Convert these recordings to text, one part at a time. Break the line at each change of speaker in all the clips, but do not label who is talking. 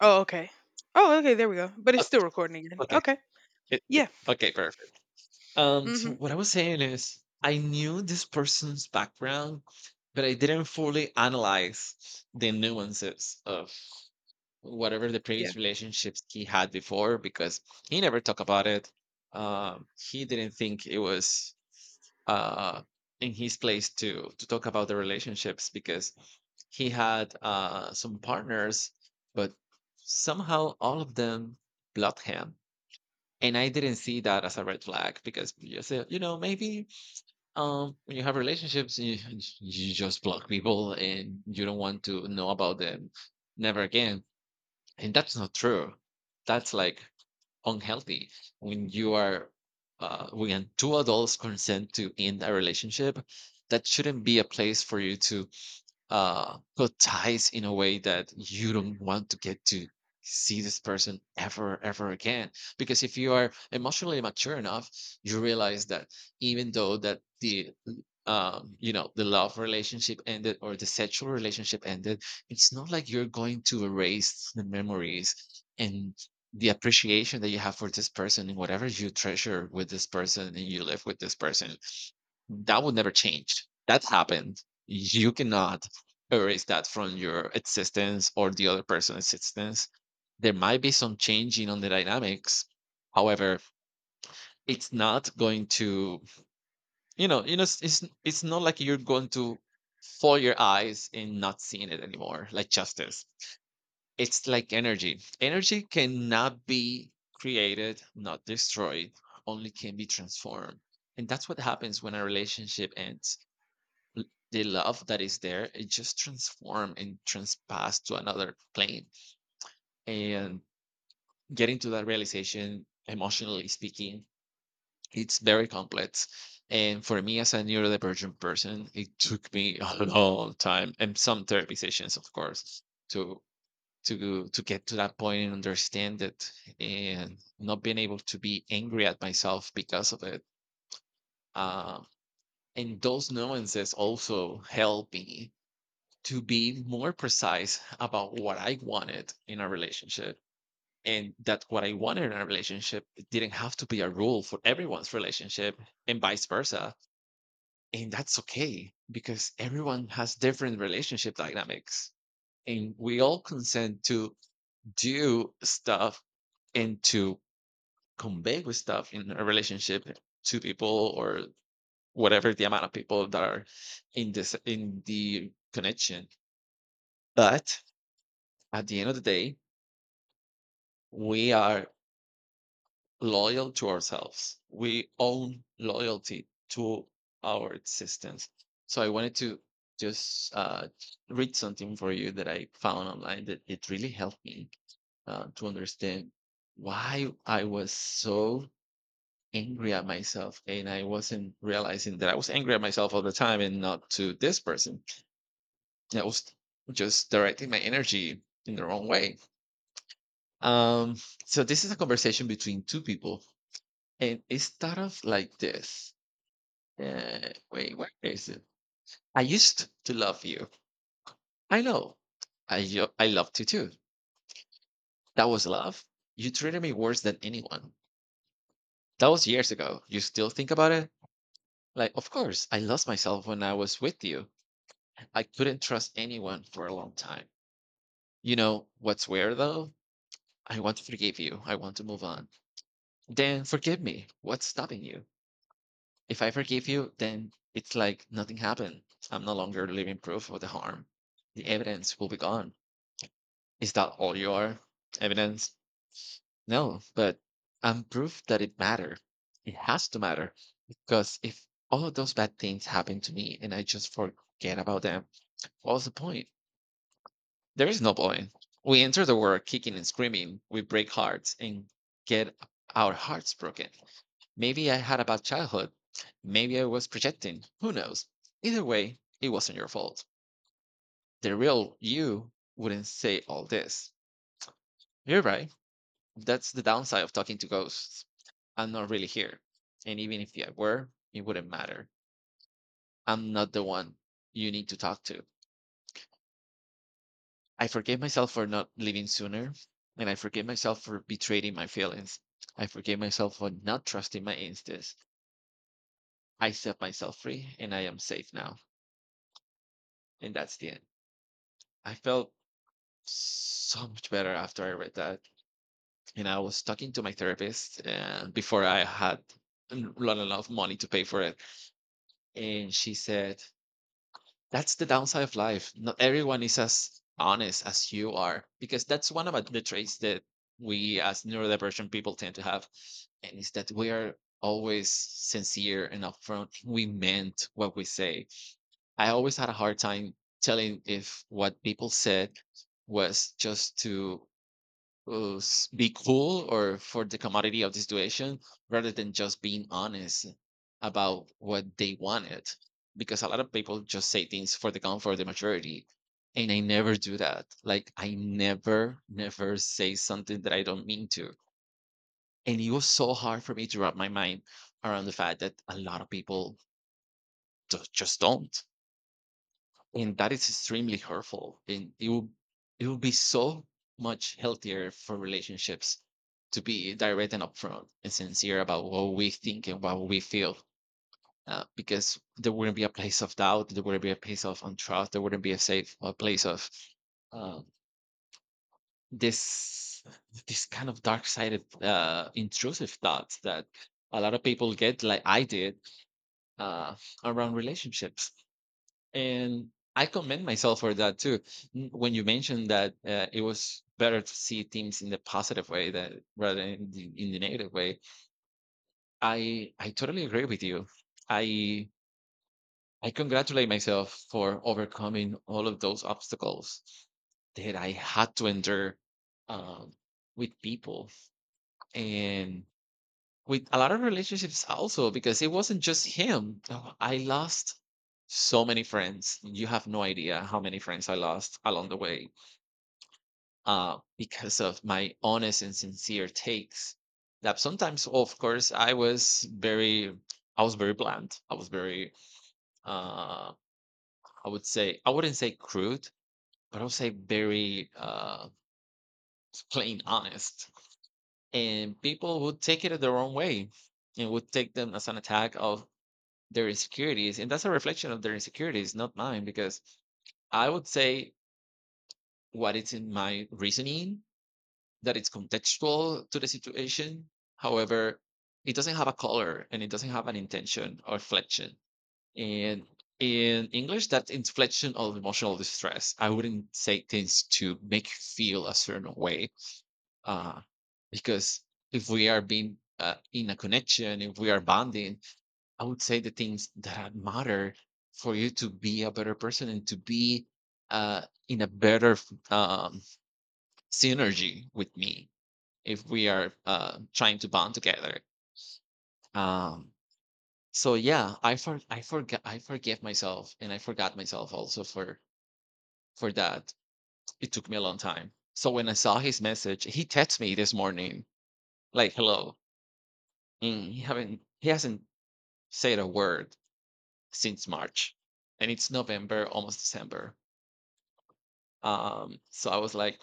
Oh, okay. Oh, okay, there we go. But it's
Oh,
still recording again.
okay.
Okay. Yeah.
Okay, perfect. So
Mhm.
what I was saying is, I knew this person's background, but I didn't fully analyze the nuances of whatever the
Yeah.
previous relationships he had before because he never talked about it. He didn't think it was uh, in his place to talk about the relationships because he had some partners, but somehow all of them blocked him, and I didn't see that as a red flag because you said, you know, maybe when you have relationships, you just block people and you don't want to know about them never again. And that's not true. That's like unhealthy. When you are, when two adults consent to end a relationship, that shouldn't be a place for you to cut ties in a way that you don't want to get to see this person ever, ever again. Because if you are emotionally mature enough, you realize that even though that the you know the love relationship ended or the sexual relationship ended, it's not like you're going to erase the memories and the appreciation that you have for this person and whatever you treasure with this person and you live with this person, that would never change. That happened. You cannot erase that from your existence or the other person's existence. There might be some changing on the dynamics. However, it's not going to, you know, it's not like you're going to foil your eyes and not seeing it anymore, like justice. It's like energy. Energy cannot be created, not destroyed, only can be transformed. And that's what happens when a relationship ends, l- the love that is there it just transform and transpass to another plane, and getting to that realization emotionally speaking, it's very complex, and for me as a neurodivergent person it took me a long time and some therapy sessions, of course, to to to get to that point and understand it, and not being able to be angry at myself because of it. Um, and those nuances also help me to be more precise about what I wanted in a relationship. And that what I wanted in a relationship didn't have to be a rule for everyone's relationship, and vice versa. And that's okay because everyone has different relationship dynamics. And we all consent to do stuff and to convey with stuff in a relationship to people or whatever the amount of people that are in this in the connection. But at the end of the day, we are loyal to ourselves. We own loyalty to our existence. So I wanted to just read something for you that I found online that it really helped me to understand why I was so angry at myself and I wasn't realizing that I was angry at myself all the time and not to this person. I was just directing my energy in the wrong way. Um, so this is a conversation between two people, and it started like this. Wait, where is it? I used to love you. I know. I loved you too. That was love. You treated me worse than anyone. That was years ago. You still think about it? Like, of course, I lost myself when I was with you. I couldn't trust anyone for a long time. You know what's weird though? I want to forgive you. I want to move on. Then forgive me. What's stopping you? If I forgive you, then it's like nothing happened. I'm no longer living proof of the harm. The evidence will be gone. Is that all you are? Evidence? No, but I'm proof that it mattered. It has to matter because if all of those bad things happen to me and I just forget about them, what's the point? There is no point. We enter the world kicking and screaming. We break hearts and get our hearts broken. Maybe I had a bad childhood. Maybe I was projecting. Who knows? Either way, it wasn't your fault. The real you wouldn't say all this. You're right. That's the downside of talking to ghosts. I'm not really here. And even if I were, it wouldn't matter. I'm not the one you need to talk to. I forgive myself for not leaving sooner. And I forgive myself for betraying my feelings. I forgive myself for not trusting my instincts. I set myself free and I am safe now. And that's the end. I felt so much better after I read that. And I was talking to my therapist, and before I had not enough money to pay for it. And she said, that's the downside of life. Not everyone is as honest as you are, because that's one of the traits that we as neurodivergent people tend to have. And it's that we are always sincere and upfront. We meant what we say. I always had a hard time telling if what people said was just to be cool or for the commodity of the situation rather than just being honest about what they wanted. Because a lot of people just say things for the comfort of the majority. And I never do that. Like, I never, never say something that I don't mean to. And it was so hard for me to wrap my mind around the fact that a lot of people just don't, and that is extremely hurtful, and it will be so much healthier for relationships to be direct and upfront and sincere about what we think and what we feel, because there wouldn't be a place of doubt, there wouldn't be a place of untrust, there wouldn't be a safe a place of uh, this this kind of dark sided intrusive thoughts that a lot of people get like I did, uh, around relationships. And I commend myself for that too. When you mentioned that it was better to see things in the positive way that rather than in the negative way, I totally agree with you. I I congratulate myself for overcoming all of those obstacles that I had to endure, um, with people, and with a lot of relationships also, because it wasn't just him. Oh, I lost so many friends. You have no idea how many friends I lost along the way, because of my honest and sincere takes. That sometimes, of course, I was very blunt. Uh, I wouldn't say crude, but I would say very plain honest. And people would take it their own way and would take them as an attack of their insecurities, and that's a reflection of their insecurities not mine, because I would say what it's in my reasoning that it's contextual to the situation. However, it doesn't have a color and it doesn't have an intention or inflection, and in English that's inflection of emotional distress. I wouldn't say things to make you feel a certain way, uh, because if we are being in a connection, if we are bonding, I would say the things that matter for you to be a better person and to be uh, in a better synergy with me if we are trying to bond together. Um, so yeah, I forgave myself and I forgot myself also for that. It took me a long time. So when I saw his message, he texted me this morning like, "Hello." Mm, he hasn't said a word since March, and it's November, almost December. So I was like,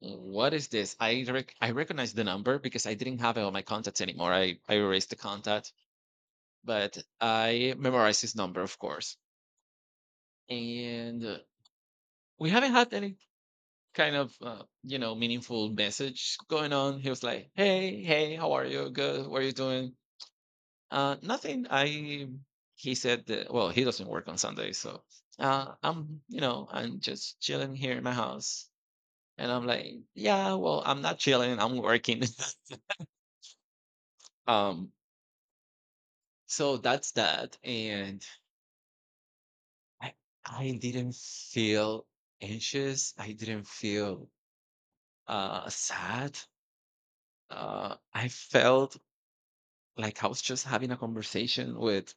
what is this? I recognize the number because I didn't have it on my contacts anymore. I erased the contact, but I memorized his number, of course. And we haven't had any kind of you know meaningful message going on. He was like, hey, hey, how are you? Good. What are you doing? Nothing. I he said that, well, he doesn't work on Sunday, so I'm you know I'm just chilling here in my house. And I'm like, yeah, well, I'm not chilling, I'm working. um, so that's that. And I, I didn't feel anxious. I didn't feel sad. I felt like I was just having a conversation with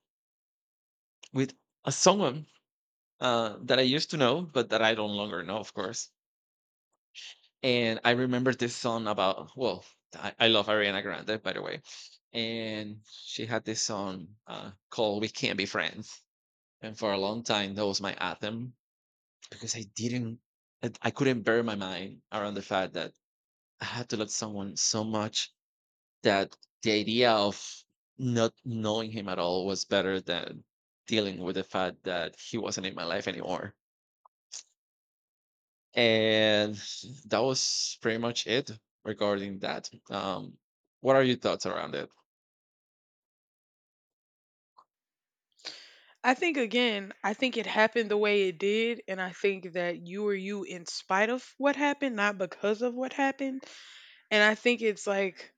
with a someone that I used to know, but that I don't longer know, of course. And I remember this song about I love Ariana Grande, by the way, and she had this song called "We Can't Be Friends." And for a long time, that was my anthem because I couldn't bear my mind around the fact that I had to love someone so much that the idea of not knowing him at all was better than dealing with the fact that he wasn't in my life anymore. And that was pretty much it regarding that. What are your thoughts around it?
I think again, I think it happened the way it did, and I think that you were you in spite of what happened, not because of what happened. And I think it's like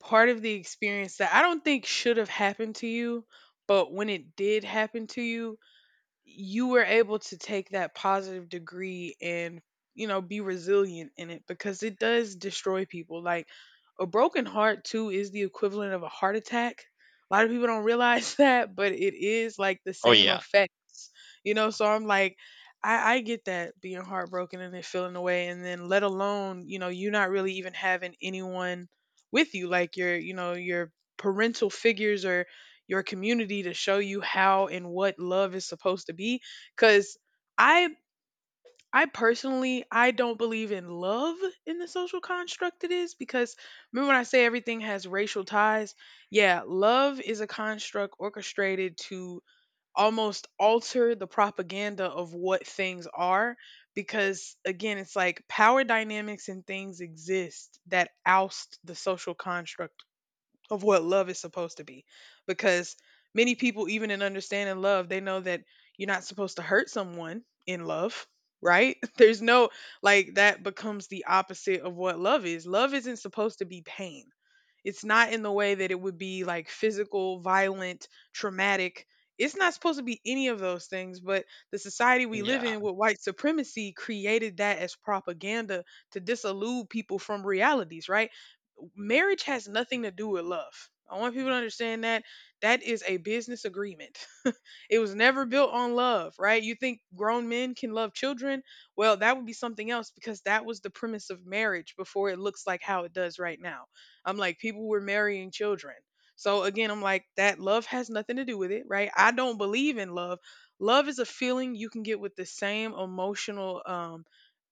part of the experience that I don't think should have happened to you, but when it did happen to you, you were able to take that positive degree and, you know, be resilient in it, because it does destroy people. Like, a broken heart too is the equivalent of a heart attack. A lot of people don't realize that, but it is like the
Oh
same
yeah,
effects. You know, so I'm like, I get that being heartbroken and then feeling away, and then let alone, you know, you not really even having anyone with you, like your, you know, your parental figures or your community to show you how and what love is supposed to be. Cuz I I personally, I don't believe in love in the social construct it is, because remember when I say everything has racial ties? Yeah, love is a construct orchestrated to almost alter the propaganda of what things are, because again it's like power dynamics and things exist that oust the social construct of what love is supposed to be. Because many people, even in understanding love, they know that you're not supposed to hurt someone in love, right? There's no, like, that becomes the opposite of what love is. Love isn't supposed to be pain. It's not in the way that it would be like physical, violent, traumatic. It's not supposed to be any of those things, but the society we live
yeah,
in with white supremacy created that as propaganda to disillude people from realities, right? Marriage has nothing to do with love. I want people to understand that that is a business agreement. It was never built on love, right? You think grown men can love children? Well, that would be something else, because that was the premise of marriage before it looks like how it does right now. I'm like, people were marrying children. So again, I'm like, that love has nothing to do with it, right? I don't believe in love. Love is a feeling you can get with the same emotional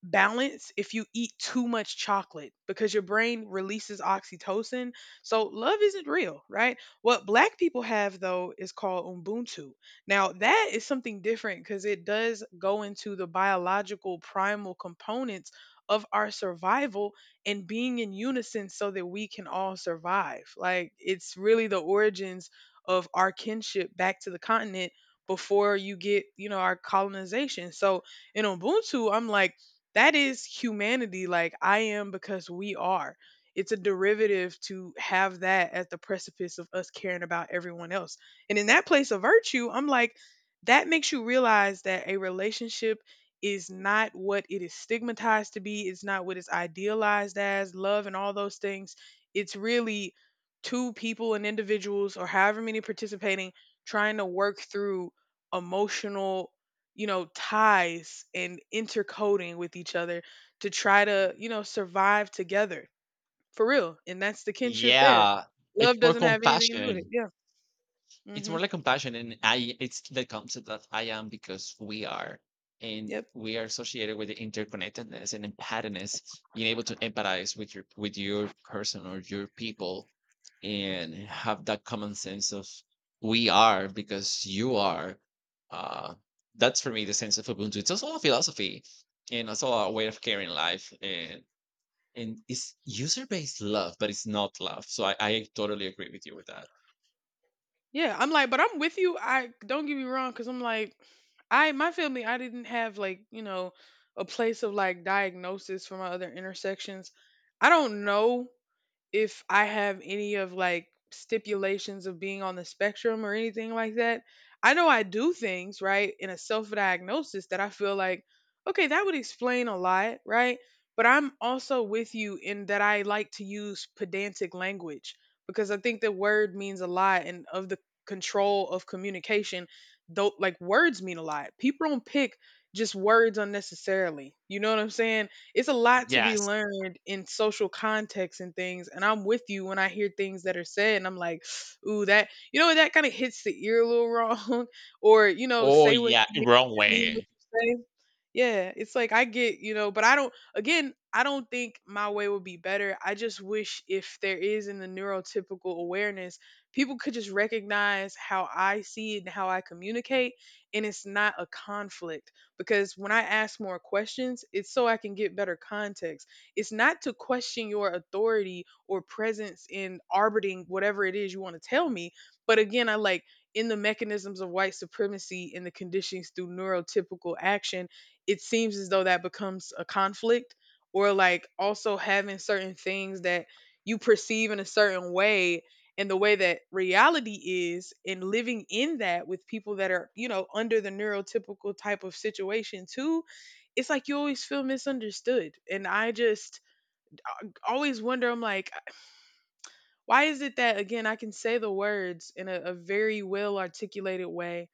balance if you eat too much chocolate because your brain releases oxytocin. So love isn't real, right? What black people have though is called Ubuntu. Now that is something different, because it does go into the biological primal components of our survival and being in unison so that we can all survive. Like, it's really the origins of our kinship back to the continent before you get, you know, our colonization. So in Ubuntu, I'm like, that is humanity. Like, I am because we are. It's a derivative to have that at the precipice of us caring about everyone else. And in that place of virtue, I'm like, that makes you realize that a relationship is not what it is stigmatized to be. It's not what it's idealized as, love and all those things. It's really two people and individuals, or however many participating, trying to work through emotional, you know, ties and intercoding with each other to try to, you know, survive together for real. And that's the kinship there.
yeah. It's
Love
more
doesn't have anything to do with it.
compassion.
Yeah.
It's
Hmm.
more like compassion, and I it's the concept that I am because we are, and
Yep.
we are associated with the interconnectedness and empathedness, being able to empathize with your person or your people, and have that common sense of we are because you are. uh that's for me the sense of ubuntu. It's also a philosophy and also a way of caring life, and it's user-based love, but it's not love. I totally agree with you with that.
Yeah, I'm like, but I'm with you. I don't get me wrong, because I'm like, I, my family, I didn't have like, you know, a place of like diagnosis for my other intersections. I don't know if I have any of like stipulations of being on the spectrum or anything like that. I know I do things, right, in a self diagnosis that I feel like, okay, that would explain a lot, right? But I'm also with you in that I like to use pedantic language, because I think the word means a lot and of the control of communication, though like words mean a lot. People don't pick just words unnecessarily. You know what I'm saying? It's a lot to be
Yes.
learned in social contexts and things. And I'm with you when I hear things that are said, and I'm like, ooh, that, you know, that kind of hits the ear a little wrong, or, you know,
Oh
say what
yeah,
you
wrong
mean what
way.
you say. Yeah, it's like I get, you know, but I don't. Again, I don't think my way would be better. I just wish if there is in the neurotypical awareness, people could just recognize how I see it and how I communicate, and it's not a conflict, because when I ask more questions, it's so I can get better context. It's not to question your authority or presence in arbiting whatever it is you want to tell me, but again, I like, in the mechanisms of white supremacy and the conditions through neurotypical action, it seems as though that becomes a conflict, or like also having certain things that you perceive in a certain way and the way that reality is and living in that with people that are, you know, under the neurotypical type of situation too, it's like you always feel misunderstood, and I just always wonder, I'm like, why is it that, again, I can say the words in a very well articulated way,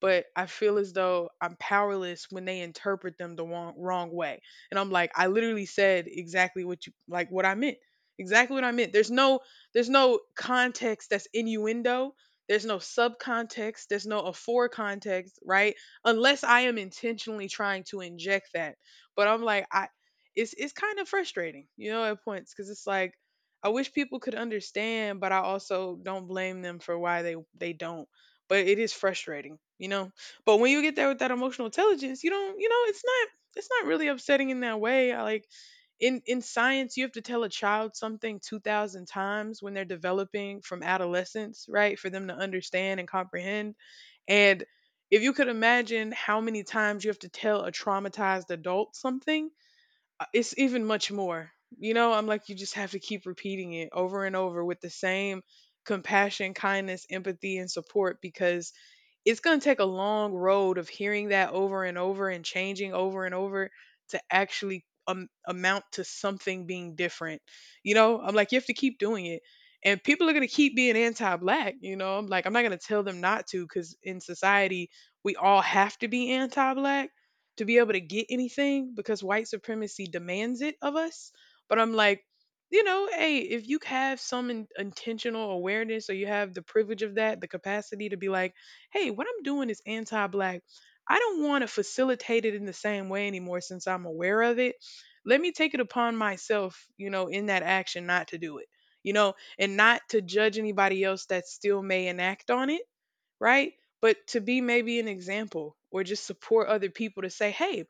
but I feel as though I'm powerless when they interpret them the wrong, wrong way? And I'm like, I literally said exactly what you, like what I meant. Exactly what I meant. There's no context that's innuendo. There's no subcontext. There's no afore context, right? Unless I am intentionally trying to inject that. But I'm like, I, it's kind of frustrating, you know, at points, because it's like I wish people could understand, but I also don't blame them for why they don't. But it is frustrating, you know. But when you get there with that emotional intelligence, you don't, you know, it's not, it's not really upsetting in that way. I like, in science, you have to tell a child something 2,000 times when they're developing from adolescence, right? For them to understand and comprehend. And if you could imagine how many times you have to tell a traumatized adult something, it's even much more. You know, I'm like, you just have to keep repeating it over and over with the same compassion, kindness, empathy, and support, because it's going to take a long road of hearing that over and over and changing over and over to actually amount to something being different. You know, I'm like, you have to keep doing it. And people are going to keep being anti black. You know, I'm like, I'm not going to tell them not to, because in society, we all have to be anti black to be able to get anything, because white supremacy demands it of us. But I'm like, you know, hey, if you have some intentional awareness or you have the privilege of that, the capacity to be like, hey, what I'm doing is anti black. I don't want to facilitate it in the same way anymore since I'm aware of it. Let me take it upon myself, you know, in that action not to do it, you know, and not to judge anybody else that still may enact on it, right? But to be maybe an example or just support other people to say, hey,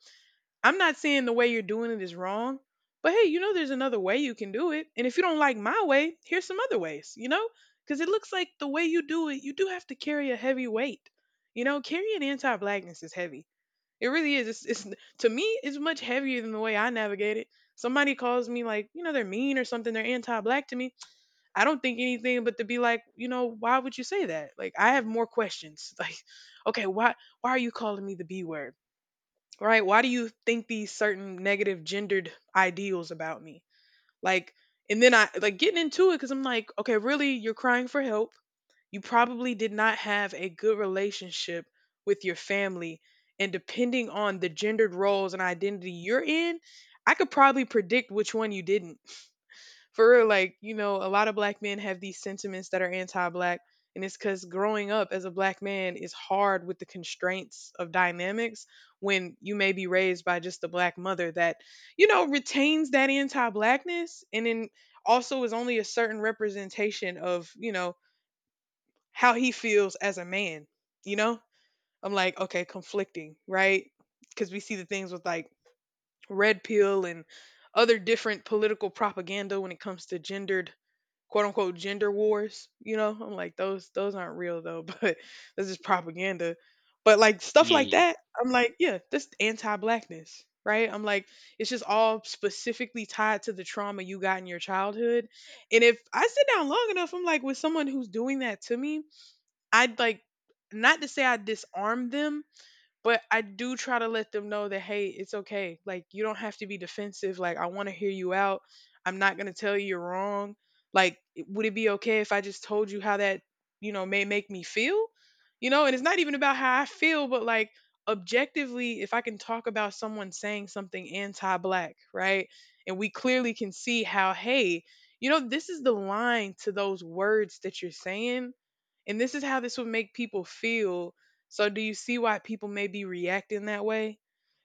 I'm not saying the way you're doing it is wrong, but hey, you know, there's another way you can do it. And if you don't like my way, here's some other ways, you know? Because it looks like the way you do it, you do have to carry a heavy weight. You know, carrying anti blackness is heavy. It really is. It's to me, it's much heavier than the way I navigate it. Somebody calls me, like, you know, they're mean or something, they're anti black to me. I don't think anything but to be like, you know, why would you say that? Like, I have more questions. Like, okay, why are you calling me the B word? Right? Why do you think these certain negative gendered ideals about me? Like, and then I like getting into it, because I'm like, okay, really, you're crying for help. You probably did not have a good relationship with your family. And depending on the gendered roles and identity you're in, I could probably predict which one you didn't, for real, like, you know, a lot of black men have these sentiments that are anti black. And it's because growing up as a black man is hard with the constraints of dynamics when you may be raised by just a black mother that, retains that anti blackness and then also is only a certain representation of, how he feels as a man. You know, I'm like, okay, conflicting, right? Because we see the things with like red pill and other different political propaganda when it comes to gendered quote unquote gender wars? I'm like those aren't real though, but this is propaganda. But like stuff like
Yeah,
that, I'm like, yeah, that's anti-blackness, right? I'm like it's just all specifically tied to the trauma you got in your childhood. And if I sit down long enough, I'm like with someone who's doing that to me, I'd like not to say I disarm them, but I do try to let them know that hey, it's okay. Like you don't have to be defensive. Like I want to hear you out. I'm not going to tell you you're wrong. Like would it be okay if I just told you how that, may make me feel? And it's not even about how I feel, but like objectively, if I can talk about someone saying something anti-black, right? And we clearly can see how hey, this is the line to those words that you're saying and this is how this would make people feel, so do you see why people may be reacting that way?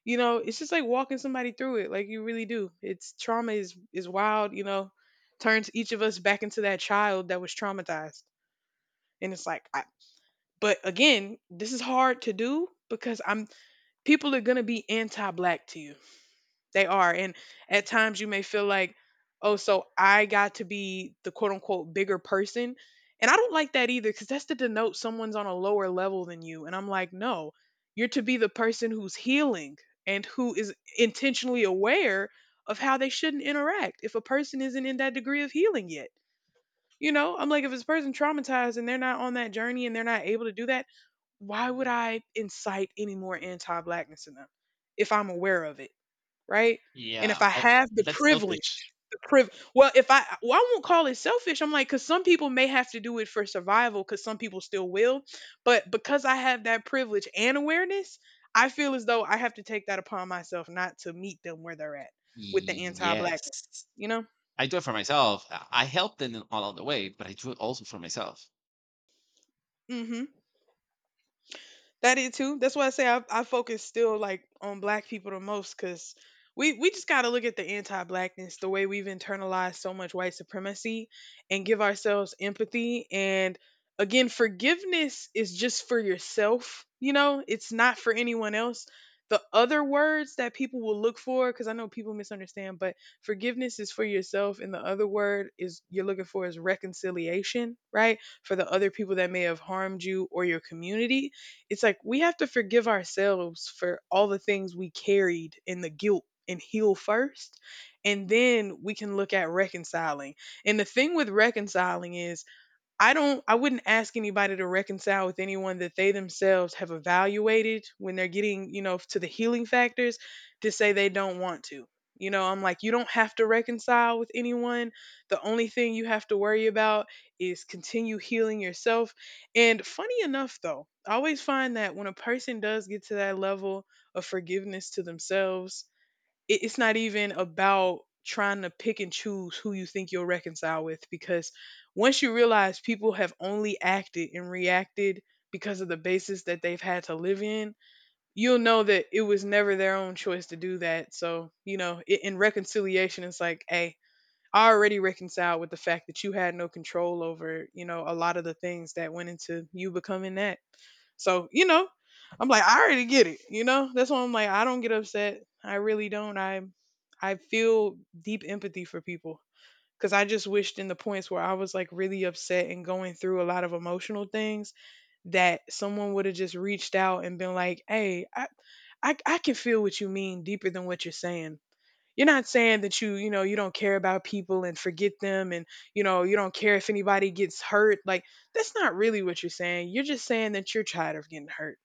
It's just like walking somebody through it, like you really do. It's trauma is wild, turns each of us back into that child that was traumatized. And it's like I but again, this is hard to do because I'm people are going to be anti-black to you. They are. And at times you may feel like, oh, so I got to be the quote unquote bigger person. And I don't like that either because that's to denote someone's on a lower level than you. And I'm like, no, you're to be the person who's healing and who is intentionally aware of how they shouldn't interact if a person isn't in that degree of healing yet. I'm like, if it's a person traumatized and they're not on that journey and they're not able to do that, why would I incite any more anti blackness in them if I'm aware of it? Right? And
yeah.
if I have the
That's
privilege,
selfish.
well, if I, well, I won't call it selfish. I'm like, because some people may have to do it for survival, because some people still will. But because I have that privilege and awareness, I feel as though I have to take that upon myself not to meet them where they're at with the
Yes,
anti-blackness, you know?
I do it for myself. I help them all along the way, but I do it also for myself.
Mm hmm. That it too. That's why I say I focus still like on black people the most because we just gotta look at the anti-blackness, the way we've internalized so much white supremacy, and give ourselves empathy and again forgiveness is just for yourself. It's not for anyone else. The other words that people will look for, because I know people misunderstand, but forgiveness is for yourself, and the other word is you're looking for is reconciliation, right? For the other people that may have harmed you or your community, it's like we have to forgive ourselves for all the things we carried and the guilt and heal first. And then we can look at reconciling. And the thing with reconciling is I wouldn't ask anybody to reconcile with anyone that they themselves have evaluated when they're getting, to the healing factors to say they don't want to. I'm like you don't have to reconcile with anyone. The only thing you have to worry about is continue healing yourself. And funny enough though, I always find that when a person does get to that level of forgiveness to themselves, it's not even about trying to pick and choose who you think you'll reconcile with, because once you realize people have only acted and reacted because of the basis that they've had to live in, you'll know that it was never their own choice to do that. So, you know, I in reconciliation, it's like, hey, I already reconciled with the fact that you had no control over, a lot of the things that went into you becoming that. So, I'm like, I already get it. That's why I'm like, I don't get upset. I really don't. I feel deep empathy for people, because I just wished in the points where I was like really upset and going through a lot of emotional things that someone would have just reached out and been like, hey, I can feel what you mean deeper than what you're saying. You're not saying that you don't care about people and forget them and, you don't care if anybody gets hurt. Like, that's not really what you're saying. You're just saying that you're tired of getting hurt.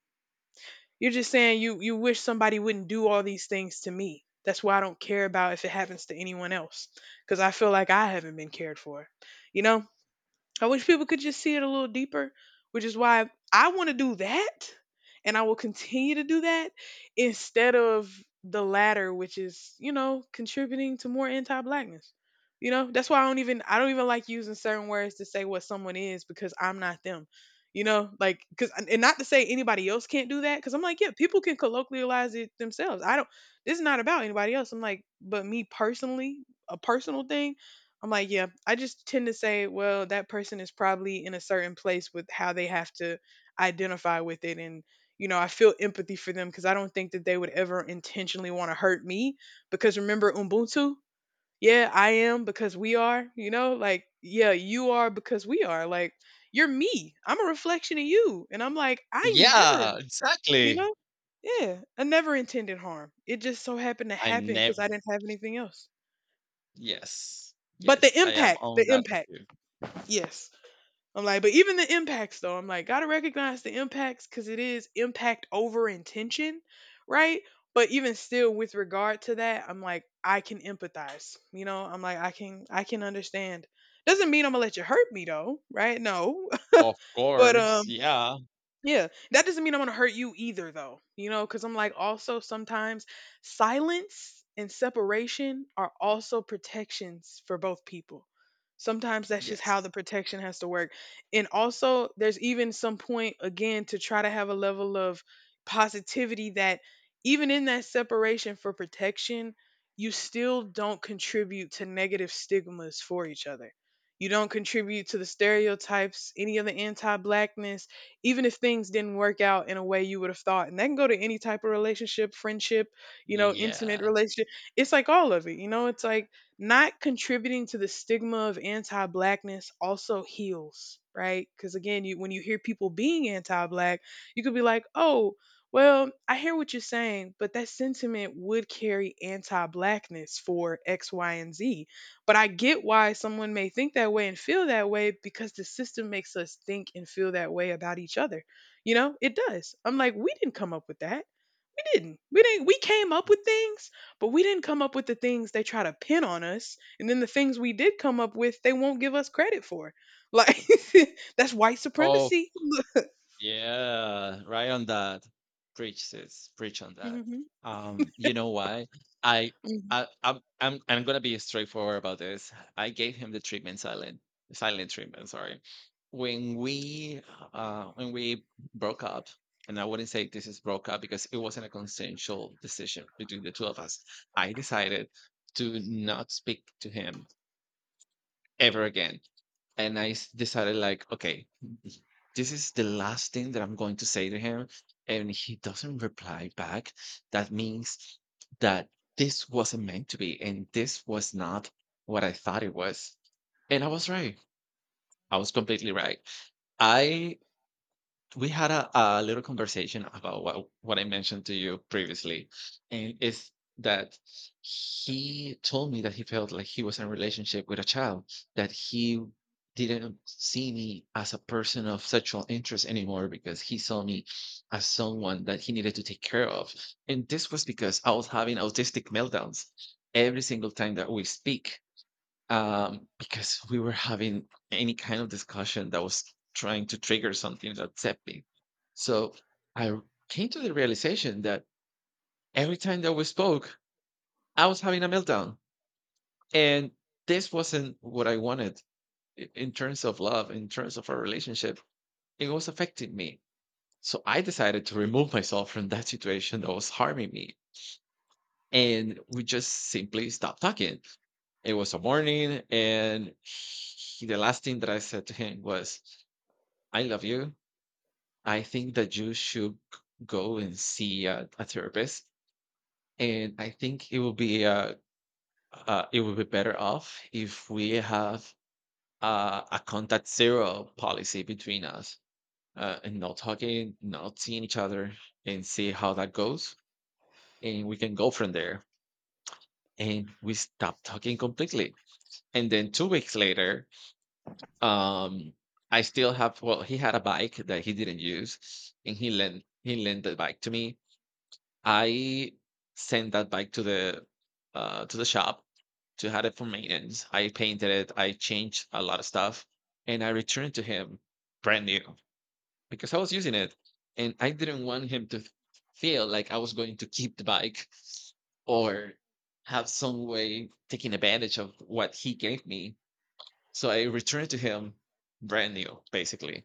You're just saying you wish somebody wouldn't do all these things to me. That's why I don't care about if it happens to anyone else, cuz I feel like I haven't been cared for. You know? I wish people could just see it a little deeper, which is why I want to do that, and I will continue to do that instead of the latter, which is, contributing to more anti blackness. That's why I don't even like using certain words to say what someone is, because I'm not them. Like cuz, and not to say anybody else can't do that, cuz I'm like, yeah, people can colloquialize it themselves. I don't This is not about anybody else. I'm like, but me personally, a personal thing, I'm like, yeah, I just tend to say, well, that person is probably in a certain place with how they have to identify with it. And, I feel empathy for them because I don't think that they would ever intentionally want to hurt me. Because remember, Ubuntu? Yeah, I am because we are, like, yeah, you are because we are. Like, you're me. I'm a reflection of you. And I'm like, I
Yeah,
never, you
exactly.
know, yeah, I never intended harm. It just so happened to
I
happen because
never.
I didn't have anything else.
Yes,
But
yes. I am on
the
that with
impact,
you.
yes. I'm like, but even the impacts though, I'm like, gotta recognize the impacts because it is impact over intention, right? But even still, with regard to that, I'm like, I can empathize. I'm like, I can understand. Doesn't mean I'm gonna let you hurt me though, right? No,
Of
but
course. Yeah.
yeah, that doesn't mean I'm gonna hurt you either, though, because I'm like, also sometimes silence and separation are also protections for both people. Sometimes that's just how
Yes.
the protection has to work. And also, there's even some point, again, to try to have a level of positivity that even in that separation for protection, you still don't contribute to negative stigmas for each other. You don't contribute to the stereotypes, any of the anti blackness, even if things didn't work out in a way you would have thought. And that can go to any type of relationship, friendship, intimate
Yeah.
relationship. It's like all of it, it's like not contributing to the stigma of anti-blackness also heals, right? Cuz again, you when you hear people being anti-black, you could be like, "Oh, well, I hear what you're saying, but that sentiment would carry anti blackness for X, Y, and Z, but I get why someone may think that way and feel that way because the system makes us think and feel that way about each other. It does. I'm like, we didn't come up with that. We didn't. We didn't. We came up with things, but we didn't come up with the things they try to pin on us. And then the things we did come up with, they won't give us credit for. Like, that's white
Oh
supremacy.
yeah, right on that. Preach, sis. Preach on that.
Hmm.
You know why? I,
Hmm.
I'm gonna be straightforward about this. I gave him the treatment silent, silent treatment. Sorry. When we, when we broke up. And I wouldn't say this is broke up because it wasn't a consensual decision between the two of us. I decided to not speak to him ever again, and decided, like, okay, this is the last thing that I'm going to say to him, and he doesn't reply back. That means that this wasn't meant to be, and this was not what I thought it was. And I was right. I was completely right. I We had a little conversation about what I mentioned to you previously, and it's that he told me that he felt like he was in a relationship with a child, that he didn't see me as a person of sexual interest anymore because he saw me as someone that he needed to take care of. And this was because I was having autistic meltdowns every single time that we speak, because we were having any kind of discussion that was trying to trigger something that's happening. So I r- came to the realization that every time that we spoke, I was having a meltdown. And this wasn't what I wanted in terms of love, in terms of our relationship. It was affecting me. So I decided to remove myself from that situation that was harming me. And we just simply stopped talking. It was a morning, and he, the last thing that I said to him was, I love you. I think that you should go and see a therapist. And I think it will be better off if we have a contact zero policy between us, and not talking, not seeing each other, and see how that goes. And we can go from there. And we stop talking completely. And then 2 weeks later, um, I still have, well, he had a bike that he didn't use, and he lent the bike to me. I sent that bike to the shop to have it for maintenance. I painted it. I changed a lot of stuff, and I returned to him brand new because I was using it, and I didn't want him to feel like I was going to keep the bike or have some way taking advantage of what he gave me. So I returned to him brand new, basically.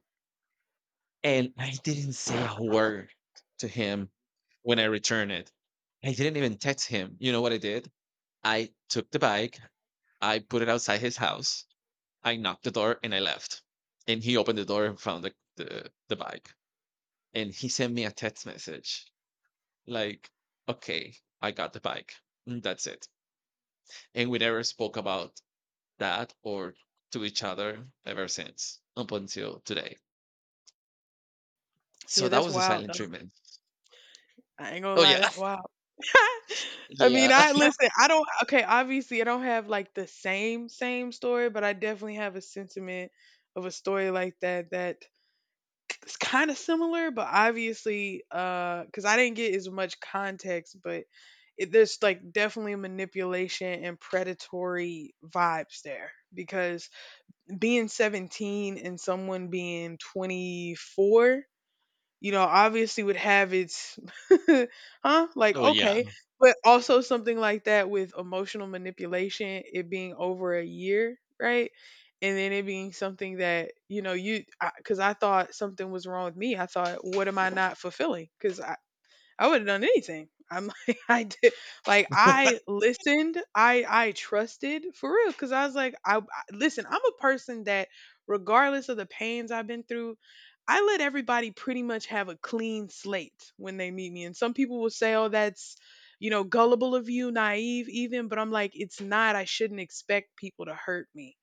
And I didn't say a word to him when I returned it. I didn't even text him. You know what I did? I took the bike, I put it outside his house, I knocked the door, and I left. And he opened the door and found the bike. And he sent me a text message like, okay, I got the bike. And that's it. And we never spoke about that or to each other ever since up until today. So
Yeah,
that
that's
was the
wild.
silent treatment.
I ain't gonna
Oh,
lie,
yeah.
that's wild. I
Yeah.
mean, I listen, I don't okay, obviously I don't have like the same story, but I definitely have a sentiment of a story like that that is kind of similar, but obviously cuz I didn't get as much context, but there's like definitely manipulation and predatory vibes there, because being 17 and someone being 24, obviously would have its, huh? Like,
Oh, yeah.
okay. But also something like that with emotional manipulation, it being over a year, right? And then it being something that, you know, you, because I, 'cause I thought something was wrong with me. I thought, what am I not fulfilling? Because I would have done anything. I'm like, I did, like I listened, I trusted for real, because I was like, I listen. I'm a person that, regardless of the pains I've been through, I let everybody pretty much have a clean slate when they meet me. And some people will say, "Oh, that's gullible of you, naive even," but I'm like, it's not. I shouldn't expect people to hurt me.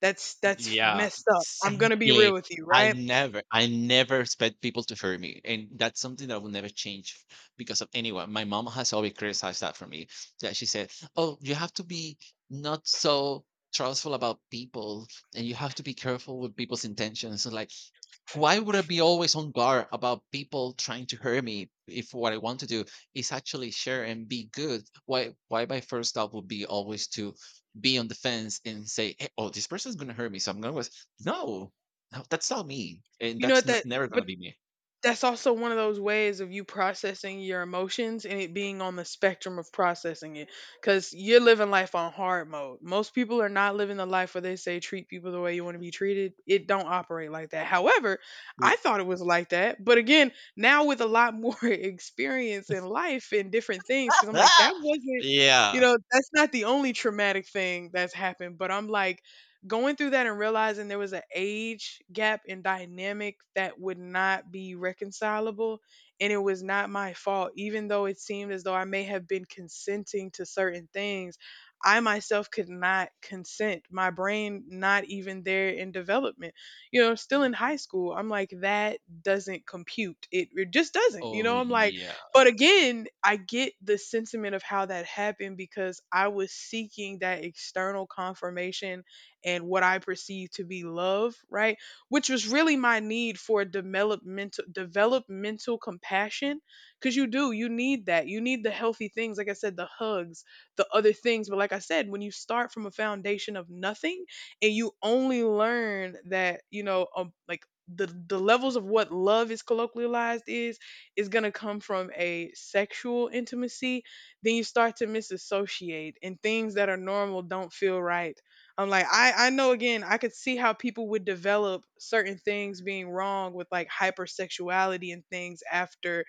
That's
Yeah,
messed up. I'm gonna be real
exactly.
with you, right?
I never expect people to hurt me, and that's something that will never change because of anyone. My mom has always criticized that for me. That she said, "Oh, you have to be not so trustful about people, and you have to be careful with people's intentions." So, like, why would I be always on guard about people trying to hurt me if what I want to do is actually share and be good? Why my first thought would be always to be on the fence and say, "Eh, oh, this person's gonna hurt me, so I'm gonna go, no, no, that's not me. And
You know
that's
what that,
never gonna
but
be me."
that's also one of those ways of you processing your emotions and it being on the spectrum of processing it because you're living life on hard mode. Most people are not living the life where they say treat people the way you want to be treated. It don't operate like that. However, I
Ye-
thought it was like that, but again, now with a lot more experience in life and different things, because I'm like, that wasn't, you
yeah.
know, that's not the only traumatic thing that's happened, but I'm like, going through that and realizing there was an age gap and dynamic that would not be reconcilable, and it was not my fault, even though it seemed as though I may have been consenting to certain things. I myself could not consent, my brain not even there in development, you know, still in high school. I'm like, that doesn't compute. It just doesn't, you
Oh
know. I'm like,
yeah.
but again, I get the sentiment of how that happened because I was seeking that external confirmation and what I perceive to be love, right? Which was really my need for developmental compassion, cuz you do, you need that. You need the healthy things, like I said, the hugs, the other things, but like I said, when you start from a foundation of nothing and you only learn that, you know, like the levels of what love is colloquialized is going to come from a sexual intimacy, then you start to misassociate, and things that are normal don't feel right. I'm like, I know, again, I could see how people would develop certain things being wrong with, like, hypersexuality and things after,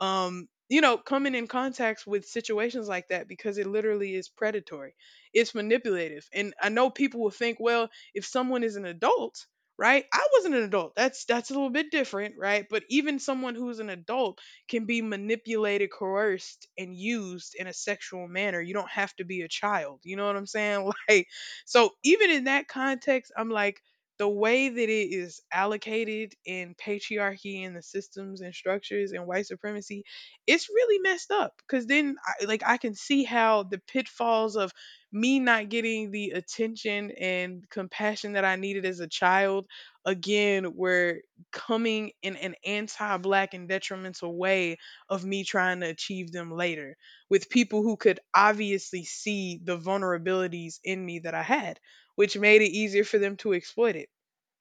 you know, coming in contacts with situations like that, because it literally is predatory. It's manipulative. And I know people will think, well, if someone is an adult, right? I wasn't an adult. That's a little bit different, right? But even someone who's an adult can be manipulated, coerced, and used in a sexual manner. You don't have to be a child. You know what I'm saying? Like, so even in that context, I'm like, the way that it is allocated in patriarchy and the systems and structures and white supremacy, it's really messed up. Because then, I, like, I can see how the pitfalls of me not getting the attention and compassion that I needed as a child, again, were coming in an anti black and detrimental way of me trying to achieve them later, with people who could obviously see the vulnerabilities in me that I had, which made it easier for them to exploit it,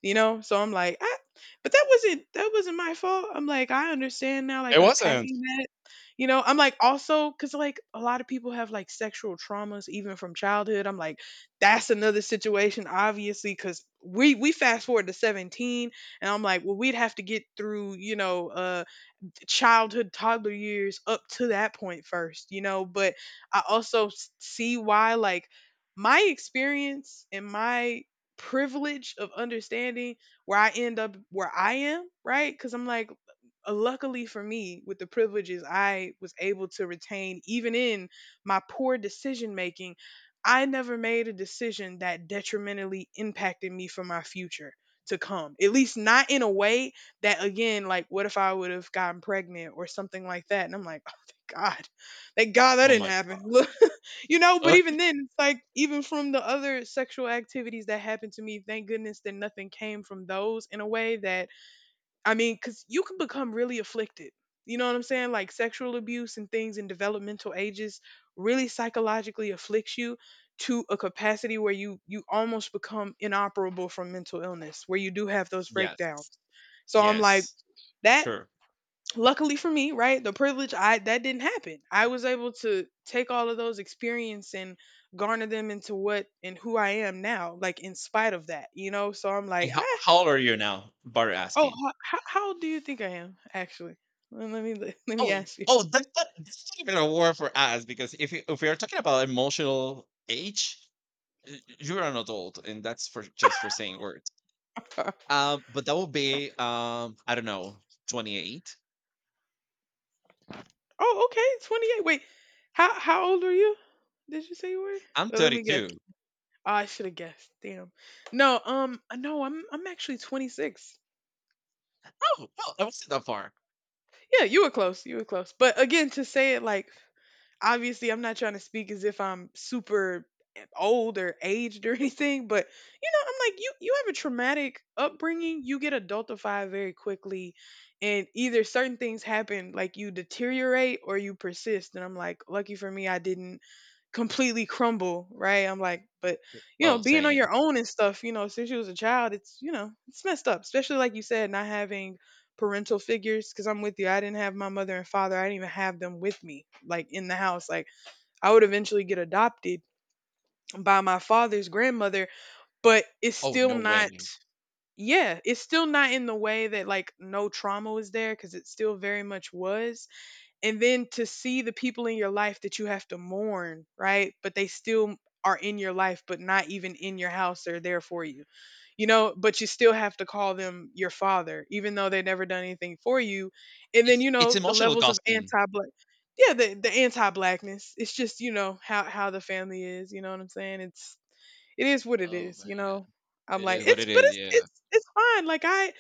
you know. So I'm like, ah. But that wasn't my fault. I'm like, I understand now,
It
like,
wasn't.
unpacking that, you know. I'm like, also, because, like, a lot of people have, like, sexual traumas even from childhood. I'm like, that's another situation, obviously, because we fast forward to 17, and I'm like, well, we'd have to get through, you know, childhood, toddler years up to that point first, you know. But I also see why, like, my experience and my privilege of understanding where I end up, where I am, right? Because I'm like, luckily for me, with the privileges I was able to retain, even in my poor decision making, I never made a decision that detrimentally impacted me for my future to come. At least not in a way that, again, like, what if I would have gotten pregnant or something like that? And I'm like, oh, thank God. Thank God that
Oh
didn't
my
happen. Look, you know, but
god.
even then, it's like, even from the other sexual activities that happened to me, thank goodness that nothing came from those in a way that, I mean, because you can become really afflicted. You know what I'm saying? Like sexual abuse and things in developmental ages really psychologically afflicts you to a capacity where you almost become inoperable from mental illness, where you do have those
Yes.
breakdowns. So I'm like
Yes.
that.
Sure.
Luckily for me, right? The privilege I, that didn't happen. I was able to take all of those experience and garner them into what and who I am now, like in spite of that, you know? So I'm like,
And
ah.
how old are you now? Bar
Oh,
asking.
how old do you think I am actually? Let me let me
Oh,
ask you.
oh, that's not even a word for us because if we are talking about emotional age, you're an adult, and that's for just for saying words. But that would be I don't know, 28.
Oh, okay, 28. Wait. How old are you? Did you say you were?
I'm
Well, let me guess.
32.
Oh, I should have guessed. Damn. No, no, I'm actually 26.
Oh, well, I wasn't that far.
Yeah, you were close. You were close. But again, to say it like, obviously I'm not trying to speak as if I'm super, old or aged or anything, but you know, I'm like, you have a traumatic upbringing, you get adultified very quickly, and either certain things happen, like you deteriorate or you persist, and I'm like, lucky for me, I didn't completely crumble, right? I'm like, but you know,
Oh,
being on
same.
your own and stuff, you know, since you was a child, it's, you know, it's messed up. Especially like you said, not having parental figures. Because I'm with you, I didn't have my mother and father. I didn't even have them with me, like in the house. Like, I would eventually get adopted by my father's grandmother, but it's
Oh,
still
no
not.
way.
Yeah, it's still not in the way that, like, no trauma was there, because it still very much was. And then to see the people in your life that you have to mourn, right? But they still are in your life, but not even in your house. They're there for you, you know, but you still have to call them your father, even though they never done anything for you. And then, you
It's
know, the
emotional
levels of
ghosting.
anti black. Yeah, the anti blackness. It's just, you know, how the family is, you know what I'm saying? It's, it is what it
Oh
is,
my
you
god,
know. I'm
it
like,
is what
it's,
it
but
is.
it's
Yeah,
it's it's fine. Like,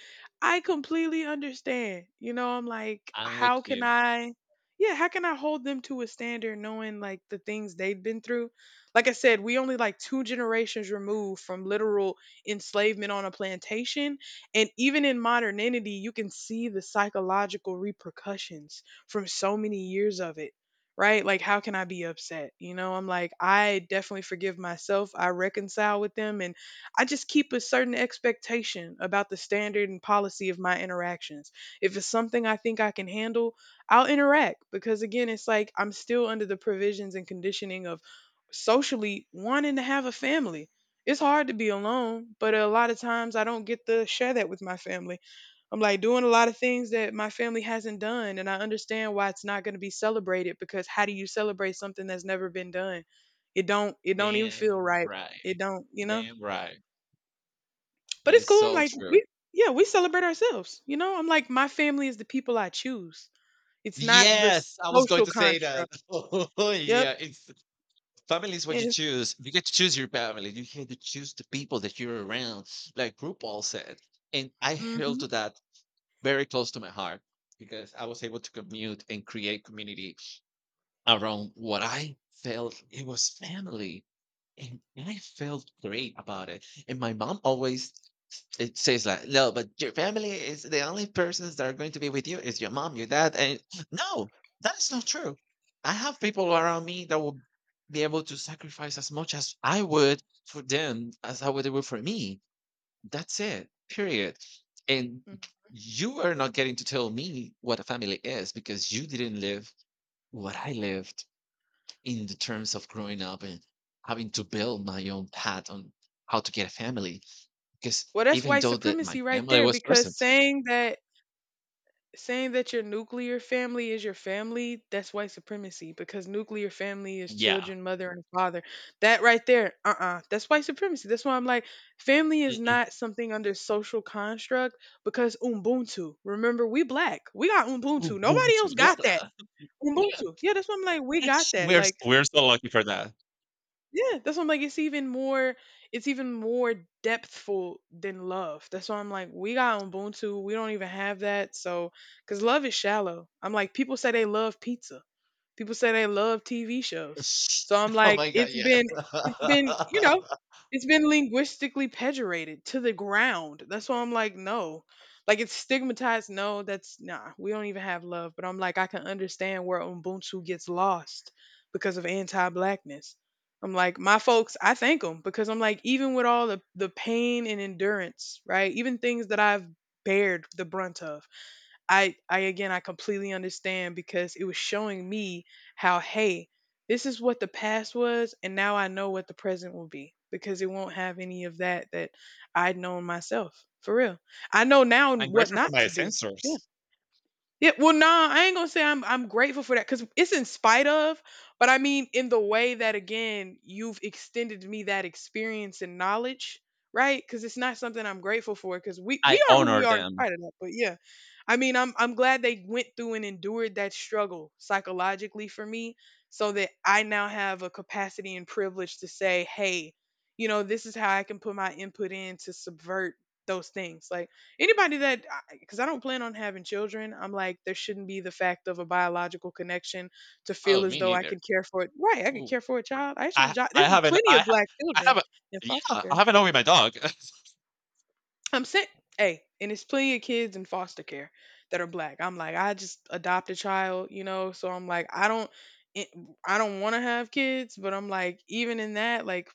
I completely understand. You know, I'm like,
I'm with
how can
you.
I, yeah, how can I hold them to a standard knowing, like, the things they've been through? Like I said, we only, like, two generations removed from literal enslavement on a plantation. And even in modernity, you can see the psychological repercussions from so many years of it, right? Like, how can I be upset? You know, I'm like, I definitely forgive myself. I reconcile with them. And I just keep a certain expectation about the standard and policy of my interactions. If it's something I think I can handle, I'll interact, because, again, it's like I'm still under the provisions and conditioning of socially wanting to have a family. It's hard to be alone, but a lot of times I don't get to share that with my family. I'm like, doing a lot of things that my family hasn't done, and I understand why it's not going to be celebrated, because how do you celebrate something that's never been done? It don't even feel
Damn
right. It
right,
don't, you know.
damn right.
But
That
it's
is
cool. I'm
so
like,
true.
we, yeah, we celebrate ourselves. You know, I'm like, my family is the people I choose. It's not the
Yes, I was going
social
to say that.
construct.
Oh,
Yep.
yeah, it's family is what you
It,
choose. You get to choose your family. You get to choose the people that you're around, like RuPaul said. And I held
hmm.
to that very close to my heart because I was able to commute and create community around what I felt it was family. And I felt great about it. And my mom always it says like, no, but your family is the only persons that are going to be with you is your mom, your dad, and no, that is not true. I have people around me that will be able to sacrifice as much as I would for them as I would do for me. That's it. Period. And you are not getting to tell me what a family is because you didn't live what I lived in the terms of growing up and having to build my own path on how to get a family. 'Cause
Well, that's
even
white
though that my
supremacy right
family
there,
was
because
present,
saying that your nuclear family is your family, that's white supremacy, because nuclear family is
yeah.
children, mother, and father. That right there, that's white supremacy. That's why I'm like, family is
Mm-mm.
not something under social construct, because Ubuntu. Remember, we black, we got
Mm,
Ubuntu.
don't
Nobody else
you know
got that.
that? Yeah.
Ubuntu. Yeah, that's why I'm like, we got
It's
that. Like,
we're so lucky for that.
yeah, that's what I'm like. It's even more depthful than love. That's why I'm like, we got Ubuntu. We don't even have that. So, because love is shallow. I'm like, people say they love pizza. People say they love TV shows. So I'm
Oh
like,
my god, yeah.
it's been, you know, it's been linguistically pejorated to the ground. That's why I'm like, no. Like, it's stigmatized. No, that's nah. We don't even have love. But I'm like, I can understand where Ubuntu gets lost because of anti-blackness. I'm like, my folks, I thank them, because I'm like, even with all the pain and endurance, right? Even things that I've bared the brunt of, I again, I completely understand, because it was showing me how, hey, this is what the past was, and now I know what the present will be, because it won't have any of that that I'd known myself. For real. I know now
I'm
what
grateful for
not
my
to do.
sensors.
Yeah, well, nah, I ain't gonna say I'm grateful for that, because it's in spite of, but I mean, in the way that, again, you've extended me that experience and knowledge, right? Because it's not something I'm grateful for, because we
I
we are who we
honor
are in
them.
spite of that. But yeah, I mean, I'm glad they went through and endured that struggle psychologically for me, so that I now have a capacity and privilege to say, hey, you know, this is how I can put my input in to subvert those things. Like, anybody that, because I don't plan on having children, I'm like, there shouldn't be the fact of a biological connection to
Oh,
feel as
me
though I
neither.
can care for it. Right, I could
Ooh.
care for a child. I should have.
I I
There's
haven't
plenty
I
of
ha
black
I
children
haven't,
in foster
yeah, I
care.
haven't with my dog.
I'm saying, hey, and it's plenty of kids in foster care that are black. I'm like, I just adopt a child, you know. So I'm like, I don't, it- I don't want to have kids, but I'm like, even in that, like,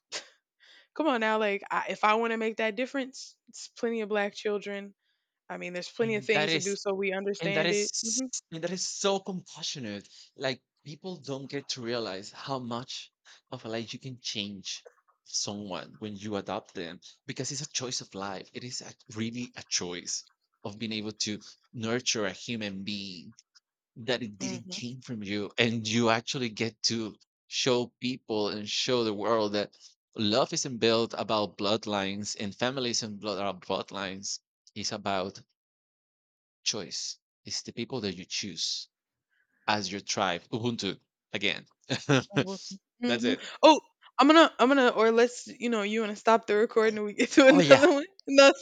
come on now, like, I, if I want to make that difference, it's plenty of black children. I mean, there's plenty of
And that
things to do
is
so we
And that
understand
is
it.
s-
Mhm,
and that is so compassionate. Like, people don't get to realize how much of a life you can change someone when you adopt them because it's a choice of life. It is a, really a choice of being able to nurture a human being that it didn't
mhm,
came from you, and you actually get to show people and show the world that love isn't built about bloodlines and families and blood are bloodlines. It's about choice. It's the people that you choose as your tribe. Ubuntu again.
mhm,
That's
mhm.
it.
Oh, I'm gonna or let's, you know, you wanna stop the recording and we get to
Oh yeah.
another one? No